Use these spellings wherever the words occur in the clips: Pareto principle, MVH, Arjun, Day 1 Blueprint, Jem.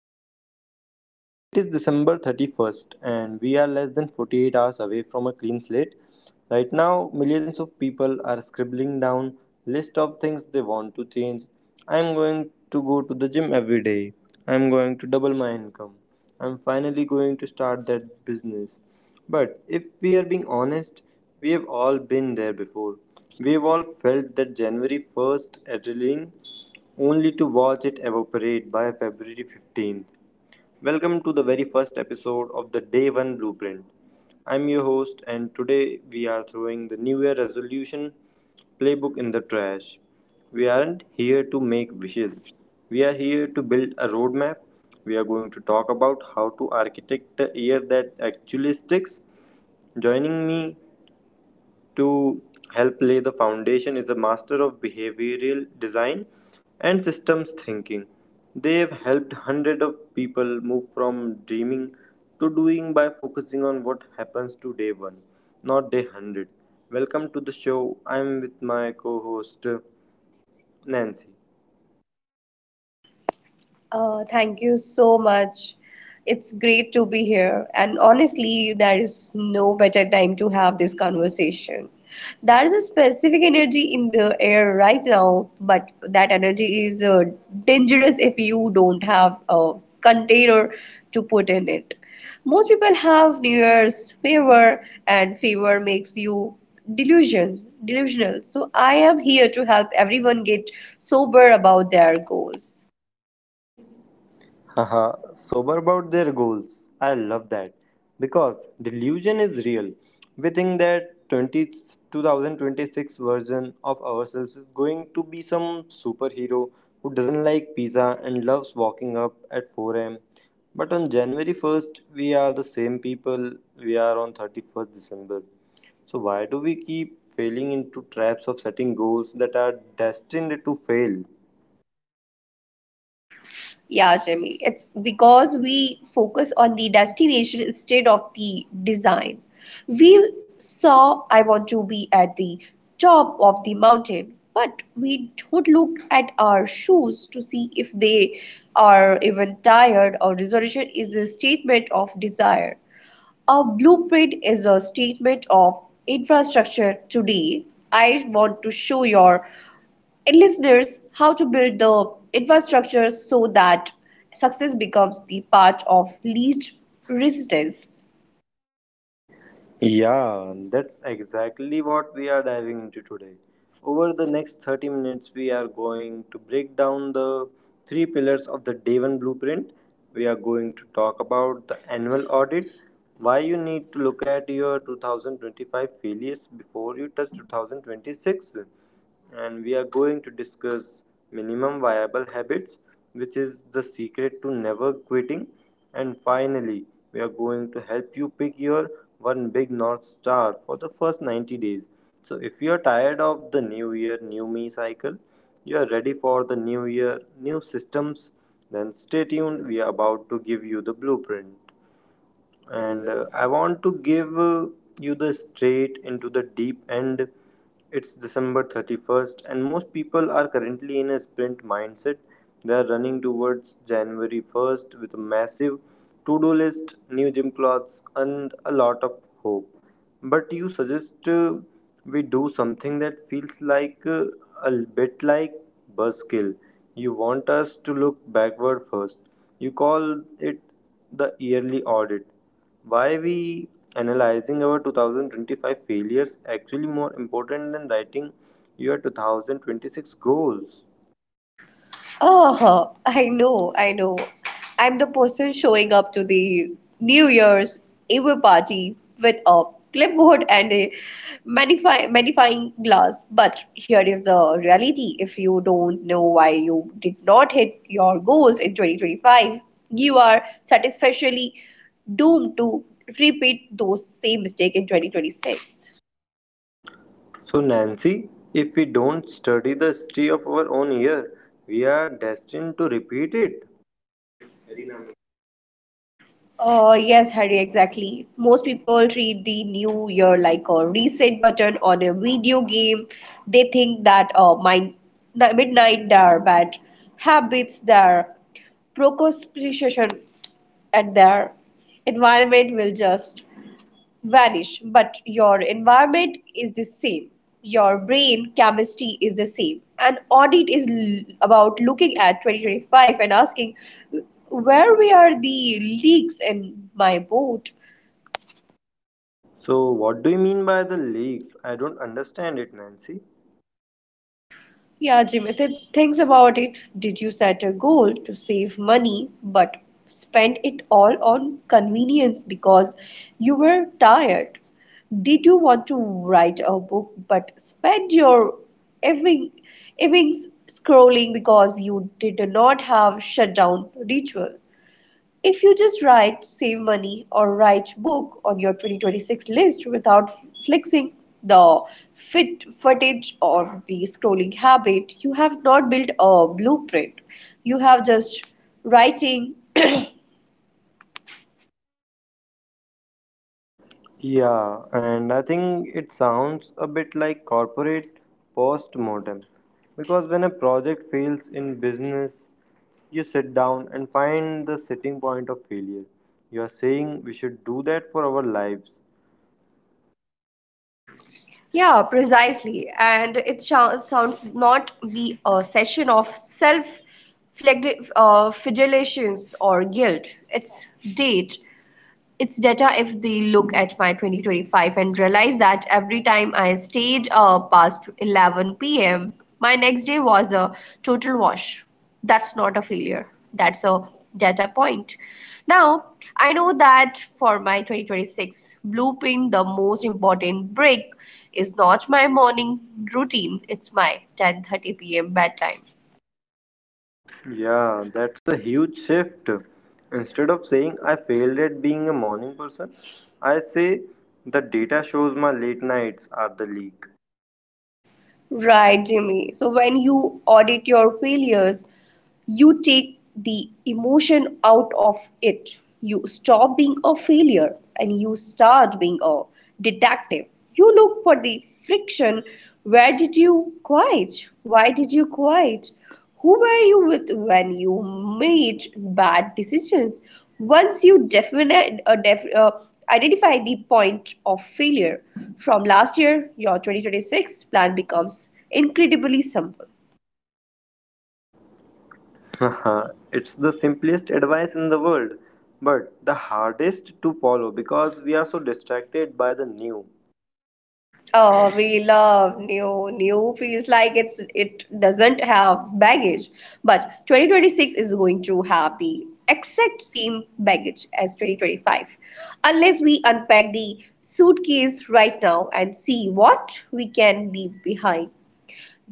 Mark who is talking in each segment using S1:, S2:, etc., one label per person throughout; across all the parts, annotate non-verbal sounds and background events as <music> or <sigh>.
S1: host, Harry. It is December 31st, and we are less than 48 hours away from a clean slate. Right now, millions of people are scribbling down list of things they want to change. I'm going to go to the gym every day. I'm going to double my income. I'm finally going to start that business. But if we are being honest, we have all been there before. We've all felt that January 1st adrenaline only to watch it evaporate by February 15th. Welcome to the very first episode of the Day 1 Blueprint. I'm your host, and today we are throwing the New Year resolution playbook in the trash. We aren't here to make wishes, we are here to build a roadmap. We are going to talk about how to architect a year that actually sticks. Joining me to help lay the foundation is a master of behavioral design and systems thinking. They have helped hundreds of people move from dreaming to doing by focusing on what happens to day one, not day 100. Welcome to the show. I'm with my co-host Nancy.
S2: Oh, thank you so much. It's great to be here. And honestly, there is no better time to have this conversation. There is a specific energy in the air right now, but that energy is dangerous if you don't have a container to put in it. Most people have New Year's fever, and fever makes you delusional. So I am here to help everyone get sober about their goals.
S1: Haha, sober about their goals. I love that. Because delusion is real. We think that 20 2026 version of ourselves is going to be some superhero who doesn't like pizza and loves walking up at 4 am. But on January 1st, we are the same people we are on 31st December. So why do we keep failing into traps of setting goals that are destined to fail?
S2: Yeah, Jimmy. It's because we focus on the destination instead of the design. We saw I want to be at the top of the mountain, but we don't look at our shoes to see if they are even tired. Our resolution is a statement of desire. A blueprint is a statement of infrastructure today. I want to show your and listeners how to build the infrastructure so that success becomes the path of least resistance.
S1: Yeah, that's exactly what we are diving into today. Over the next 30 minutes, we are going to break down the three pillars of the Devon blueprint. We are going to talk about the annual audit, why you need to look at your 2025 failures before you touch 2026, and we are going to discuss minimum viable habits, which is the secret to never quitting. And finally, we are going to help you pick your one big North Star for the first 90 days. So, if you are tired of the new year, new me cycle, you are ready for the new year, new systems, then stay tuned. We are about to give you the blueprint. And I want to give you the straight into the deep end. It's December 31st, and most people are currently in a sprint mindset. They are running towards January 1st with a massive to-do list, new gym clothes, and a lot of hope. But you suggest we do something that feels like a bit like buzzkill. You want us to look backward first. You call it the yearly audit. Why we analyzing our 2025 failures actually more important than writing your 2026 goals?
S2: Oh, I know. I'm the person showing up to the New Year's Eve party with a clipboard and a magnifying glass. But here is the reality if you don't know why you did not hit your goals in 2025, you are satisfactorily doomed to repeat those same mistakes in 2026.
S1: So Nancy, if we don't study the history of our own year, we are destined to repeat it.
S2: Oh, yes, Harry, exactly. Most people treat the new year like a reset button on a video game. They think that my midnight their bad habits, their procrastination, and their environment will just vanish, but your environment is the same. Your brain chemistry is the same. An audit is about looking at 2025 and asking where were the leaks in my boat?
S1: So what do you mean by the leaks? I don't understand it, Nancy.
S2: Yeah, Jimit, thinks about it. Did you set a goal to save money but spend it all on convenience because you were tired? Did you want to write a book but spend your evening, evenings scrolling because you did not have shutdown ritual? If you just write save money or write book on your 2026 list without flexing the fit footage or the scrolling habit, you have not built a blueprint. You have just writing.
S1: Yeah, and I think it sounds a bit like corporate post-mortem because when a project fails in business, you sit down and find the sitting point of failure. You are saying we should do that for our lives.
S2: Yeah, precisely. And it sounds not be a session of self flagellations or guilt. It's date it's data if they look at my 2025 and realize that every time I stayed past 11 p.m., my next day was a total wash. That's not a failure. That's a data point. Now, I know that for my 2026 blueprint, the most important break is not my morning routine, it's my 10:30 p.m. bedtime.
S1: Yeah, that's a huge shift. Instead of saying I failed at being a morning person, I say the data shows my late nights are the leak.
S2: Right, Jimmy. So when you audit your failures, you take the emotion out of it. You stop being a failure and you start being a detective. You look for the friction. Where did you quit? Why did you quit? Who were you with when you made bad decisions? Once you identify the point of failure from last year, your 2026 plan becomes incredibly simple.
S1: Haha, it's the simplest advice in the world, but the hardest to follow because we are so distracted by the new.
S2: Oh, we love new. New feels like it doesn't have baggage, but 2026 is going to have the exact same baggage as 2025, unless we unpack the suitcase right now and see what we can leave behind.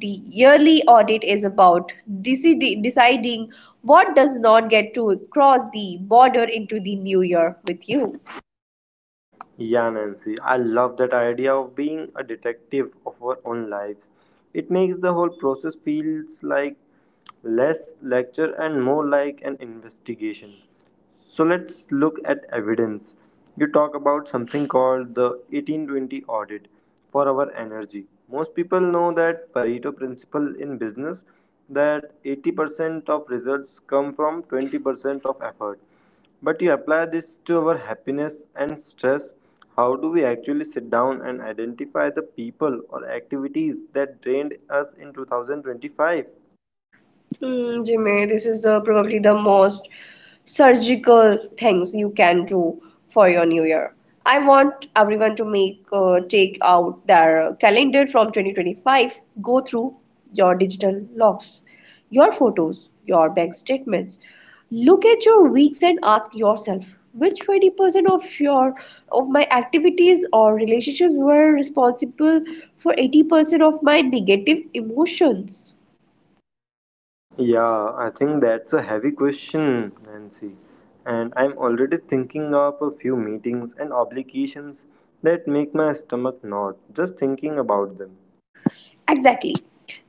S2: The yearly audit is about deciding what does not get to cross the border into the new year with you.
S1: Yeah, Nancy, I love that idea of being a detective of our own lives. It makes the whole process feels like less lecture and more like an investigation. So let's look at evidence. You talk about something called the 1820 audit for our energy. Most people know that Pareto principle in business that 80% of results come from 20% of effort. But you apply this to our happiness and stress. How do we actually sit down and identify the people or activities that drained us in 2025?
S2: Mm, Jimmy, this is probably the most surgical things you can do for your new year. I want everyone to make take out their calendar from 2025, go through your digital logs, your photos, your bank statements. Look at your weeks and ask yourself which 20% of your of my activities or relationships were responsible for 80% of my negative emotions.
S1: Yeah, I think that's a heavy question, Nancy. And I'm already thinking of a few meetings and obligations that make my stomach knot just thinking about them.
S2: Exactly.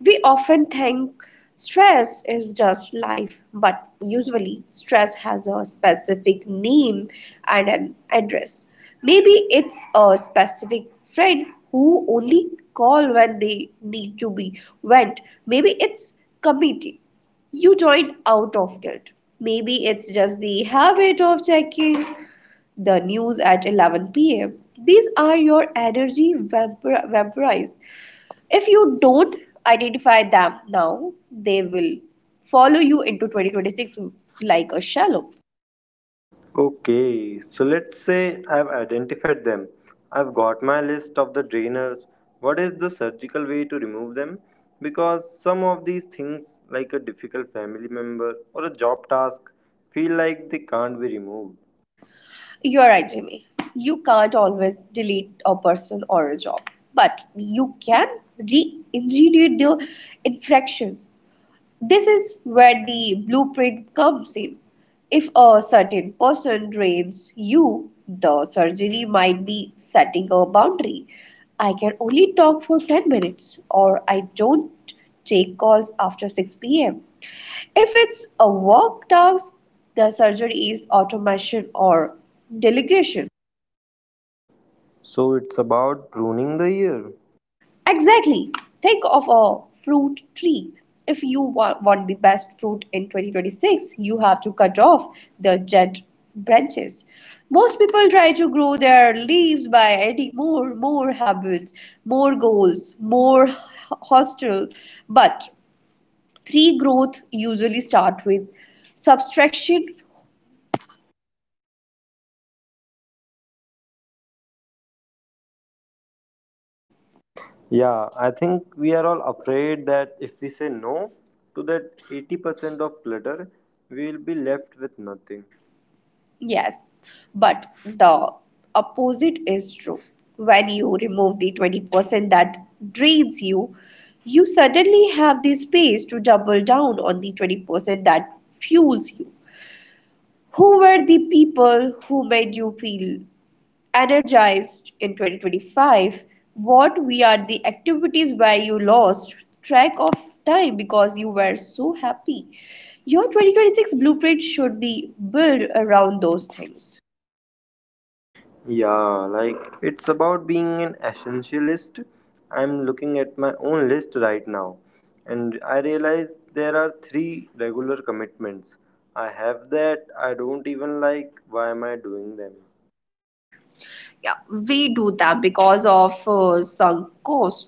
S2: We often think stress is just life, but usually stress has a specific name and an address. Maybe it's a specific friend who only call when they need to be went. Maybe it's committee you joined out of guilt. Maybe it's just the habit of checking the news at 11 pm. These are your energy vampires. If you don't identify them now, they will follow you into 2026 like a shadow.
S1: Okay, so let's say I've identified them. I've got my list of the drainers. What is the surgical way to remove them? Because some of these things, like a difficult family member or a job task, feel like they can't be removed.
S2: You're right, Jimmy. You can't always delete a person or a job, but you can re engineer their infractions. This is where the blueprint comes in. If a certain person drains you, the surgery might be setting a boundary. I can only talk for 10 minutes, or I don't take calls after 6 pm. If it's a work task, the surgery is automation or delegation.
S1: So it's about pruning the ear.
S2: Exactly. Think of a fruit tree. If you want the best fruit in 2026, you have to cut off the dead branches. Most people try to grow their leaves by adding more habits, more goals, hostel. But tree growth usually start with subtraction.
S1: Yeah, I think we are all afraid that if we say no to that 80% of clutter, we will be left with nothing.
S2: Yes, but the opposite is true. When you remove the 20% that drains you, you suddenly have the space to double down on the 20% that fuels you. Who were the people who made you feel energized in 2025? What were the activities where you lost track of time because you were so happy? Your 2026 blueprint should be built around those things.
S1: Yeah, like it's about being an essentialist. I'm looking at my own list right now, and I realize there are three regular commitments I have that I don't even like. Why am I doing them?
S2: Yeah, we do them because of sunk cost.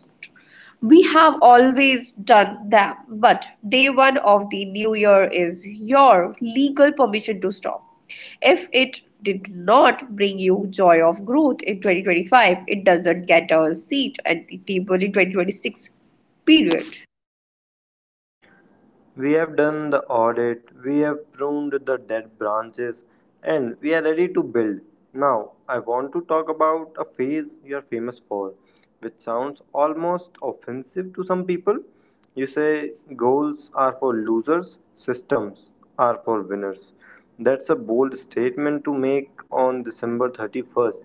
S2: We have always done them, but day one of the new year is your legal permission to stop. If it did not bring you joy of growth in 2025, it doesn't get a seat at the table in 2026 period.
S1: We have done the audit, we have pruned the dead branches, and we are ready to build. Now, I want to talk about a phase you are famous for, which sounds almost offensive to some people. You say goals are for losers, systems are for winners. That's a bold statement to make on December 31st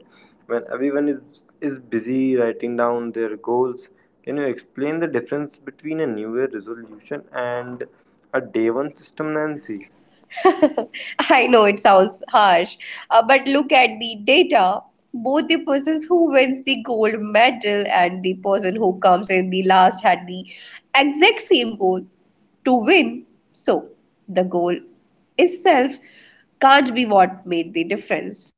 S1: when everyone is busy writing down their goals. Can you explain the difference between a new year resolution and a day one system, Nancy?
S2: <laughs> I know it sounds harsh, but look at the data. Both the persons who wins the gold medal and the person who comes in the last had the exact same goal to win. So the goal itself can't be what made the difference.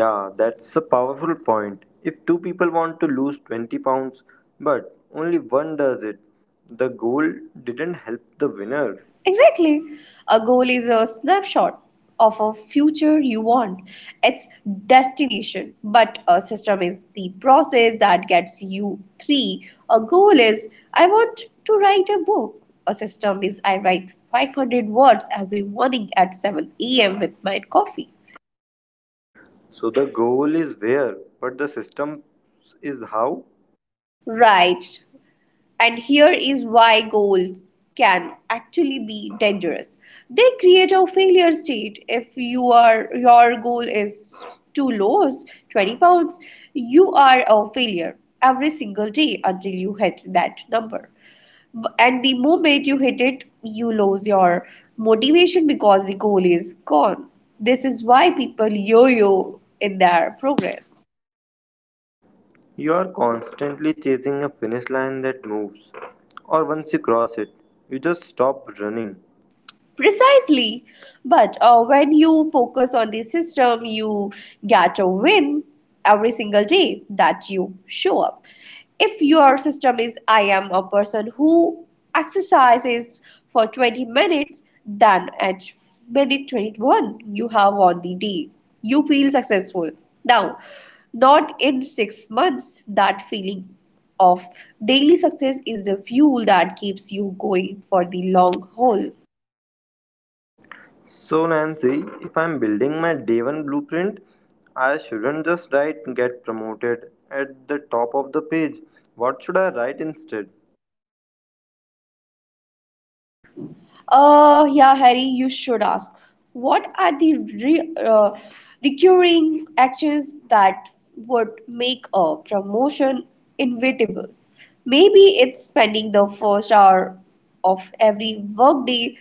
S1: Yeah, that's a powerful point. If two people want to lose 20 pounds but only one does it, the goal didn't help the winner.
S2: Exactly. A goal is a snapshot of a future you want, its destination. But a system is the process that gets you three. A goal is I want to write a book. A system is I write 500 words every morning at 7 a.m. with my coffee.
S1: So the goal is where, but the system is how.
S2: Right. And here is why goals can actually be dangerous. They create a failure state. If your goal is too low, 20 pounds, you are a failure every single day until you hit that number. And the moment you hit it, you lose your motivation because the goal is gone. This is why people yo-yo in their progress.
S1: You are constantly chasing a finish line that moves, or once you cross it, you just stop running.
S2: Precisely. But when you focus on the system, you get a win every single day that you show up. If your system is, I am a person who exercises for 20 minutes, then at minute 21, you have won the day. You feel successful. Now, not in 6 months, that feeling of daily success is the fuel that keeps you going for the long haul.
S1: So, Nancy, if I'm building my day one blueprint, I shouldn't just write get promoted at the top of the page. What should I write instead?
S2: Yeah, Harry, you should ask. What are the recurring actions that would make a promotion inevitable? Maybe it's spending the first hour of every workday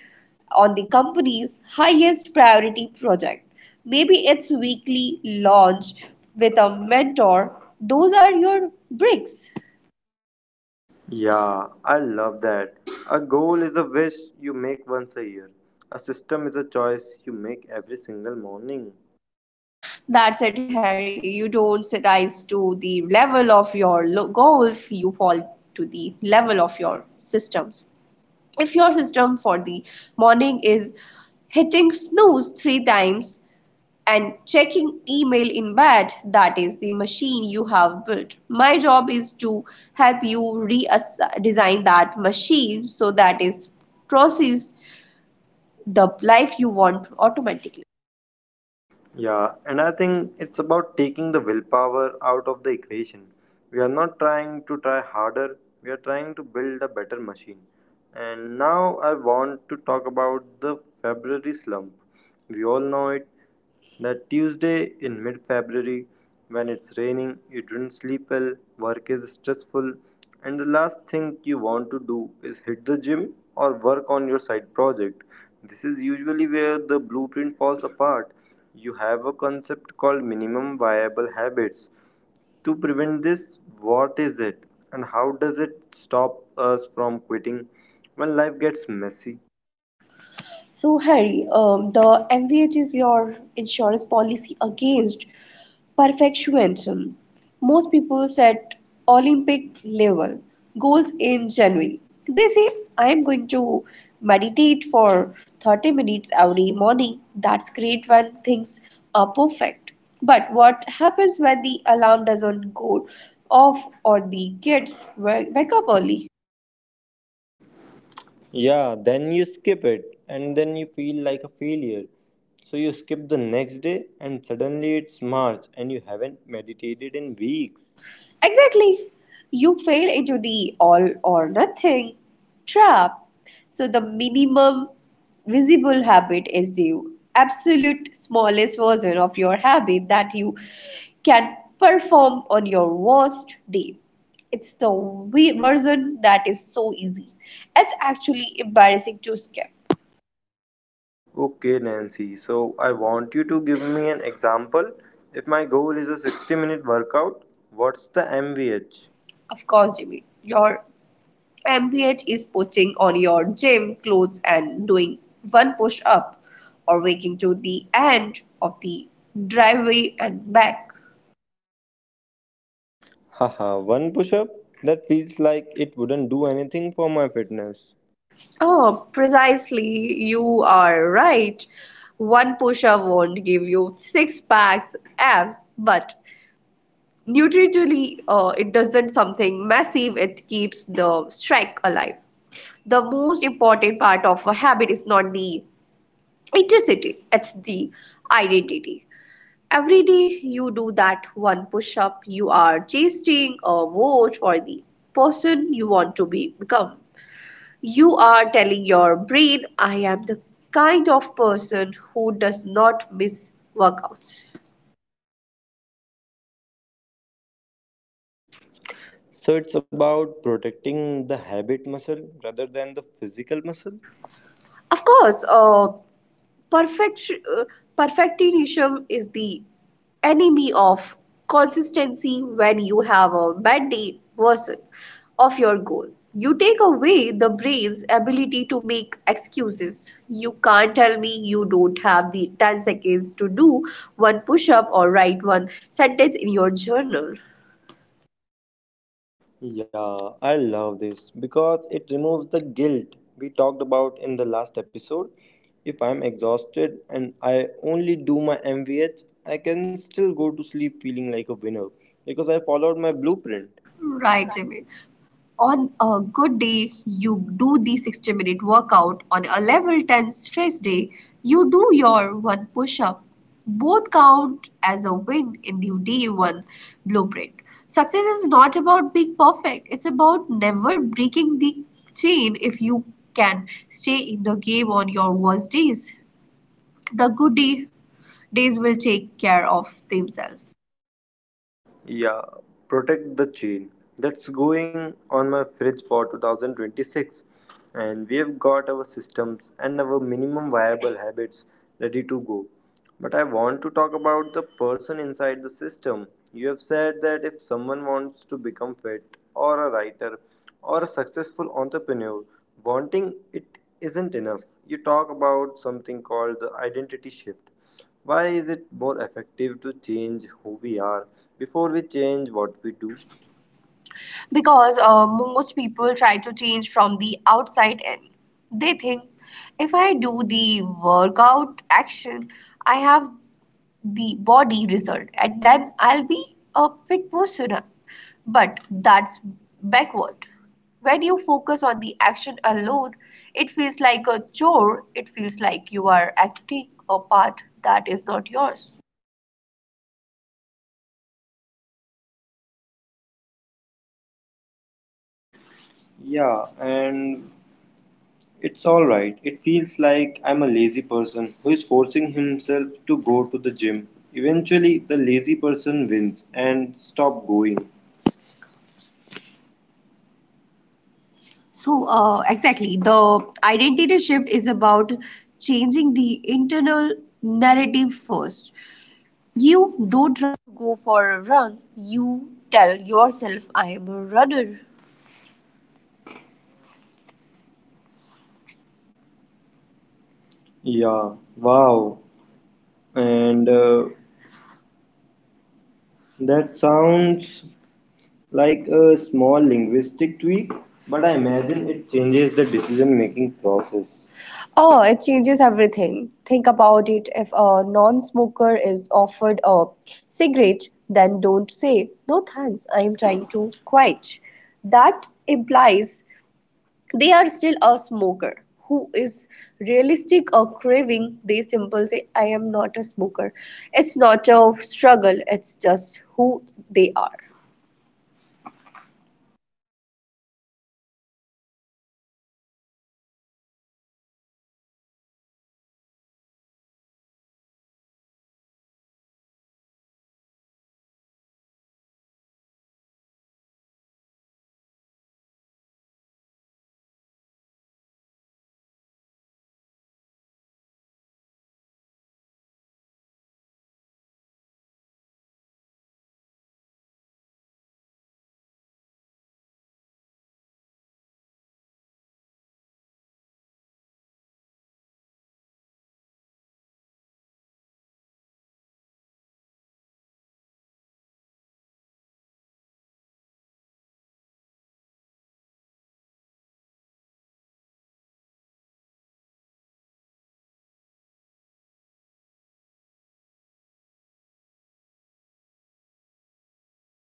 S2: on the company's highest priority project. Maybe it's weekly launch with a mentor. Those are your bricks.
S1: Yeah, I love that. A goal is a wish you make once a year, a system is a choice you make every single morning.
S2: That's it, Harry. You don't rise to the level of your goals, you fall to the level of your systems. If your system for the morning is hitting snooze three times and checking email in bed, that is the machine you have built. My job is to help you redesign that machine so that it processes the life you want automatically.
S1: Yeah, and I think it's about taking the willpower out of the equation. We are not trying to try harder, we are trying to build a better machine. And now I want to talk about the February slump. We all know it, that Tuesday in mid February when it's raining, you don't sleep well, work is stressful, and the last thing you want to do is hit the gym or work on your side project. This is usually where the blueprint falls apart. You have a concept called minimum viable habits. To prevent this, what is it and how does it stop us from quitting when life gets messy?
S2: So, Harry, the MVH is your insurance policy against perfectionism. Most people set Olympic level goals in January. They say, I am going to meditate for 30 minutes every morning. That's great when things are perfect. But what happens when the alarm doesn't go off or the kids wake up early?
S1: Yeah, then you skip it and then you feel like a failure. So you skip the next day and suddenly it's March and you haven't meditated in weeks.
S2: Exactly. You fail into the all or nothing trap. So the minimum visible habit is the absolute smallest version of your habit that you can perform on your worst day. It's the version that is so easy. It's actually embarrassing to skip.
S1: Okay, Nancy, so I want you to give me an example. If my goal is a 60-minute workout, what's the MVH?
S2: Of course, Jimmy, your Ambient is putting on your gym clothes and doing one push up or waking to the end of the driveway and back.
S1: Haha, one push up? That feels like it wouldn't do anything for my fitness.
S2: Oh, precisely. You are right. One push up won't give you six packs abs, but nutritionally, it doesn't something massive. It keeps the streak alive. The most important part of a habit is not the intensity; it's the identity. Every day you do that one push up, you are chasing a vote for the person you want to be become. You are telling your brain, I am the kind of person who does not miss workouts.
S1: So it's about protecting the habit muscle rather than the physical muscle?
S2: Of course, perfect, uh, perfectionism is the enemy of consistency when you have a bad day version of your goal. You take away the brain's ability to make excuses. You can't tell me you don't have the 10 seconds to do one push up or write one sentence in your journal.
S1: Yeah, I love this because it removes the guilt we talked about in the last episode. If I'm exhausted and I only do my MVH, I can still go to sleep feeling like a winner because I followed my blueprint.
S2: Right, Jimmy. On a good day you do the 60-minute workout, on a level 10 stress day you do your one push up. Both count as a win in the day one blueprint. Success is not about being perfect, it's about never breaking the chain. If you can stay in the game on your worst days, the good days will take care of themselves.
S1: Yeah, protect the chain. That's going on my fridge for 2026. And we have got our systems and our minimum viable habits ready to go. But I want to talk about the person inside the system. You have said that if someone wants to become fit or a writer or a successful entrepreneur, wanting it isn't enough. You talk about something called the identity shift. Why is it more effective to change who we are before we change what we do?
S2: Because most people try to change from the outside in. They think if I do the workout action, I have the body result and then I'll be a fit person. But that's backward. When you focus on the action alone, it feels like a chore, it feels like you are acting a part that is not yours. Yeah, and it's alright. It feels like I'm a lazy person who is forcing himself to go to the gym. Eventually, the lazy person wins and stop going. So, exactly, the identity shift is about changing the internal narrative first. You don't go for a run, you tell yourself, I am a runner. Yeah, wow. And that sounds like a small linguistic tweak, but I imagine it changes the decision making process. Oh, it changes everything. Think about it. If a non smoker is offered a cigarette, then don't say, No thanks, I am trying to quit. That implies they are still a smoker who is realistic or craving. They simply say, I am not a smoker. It's not a struggle, it's just who they are.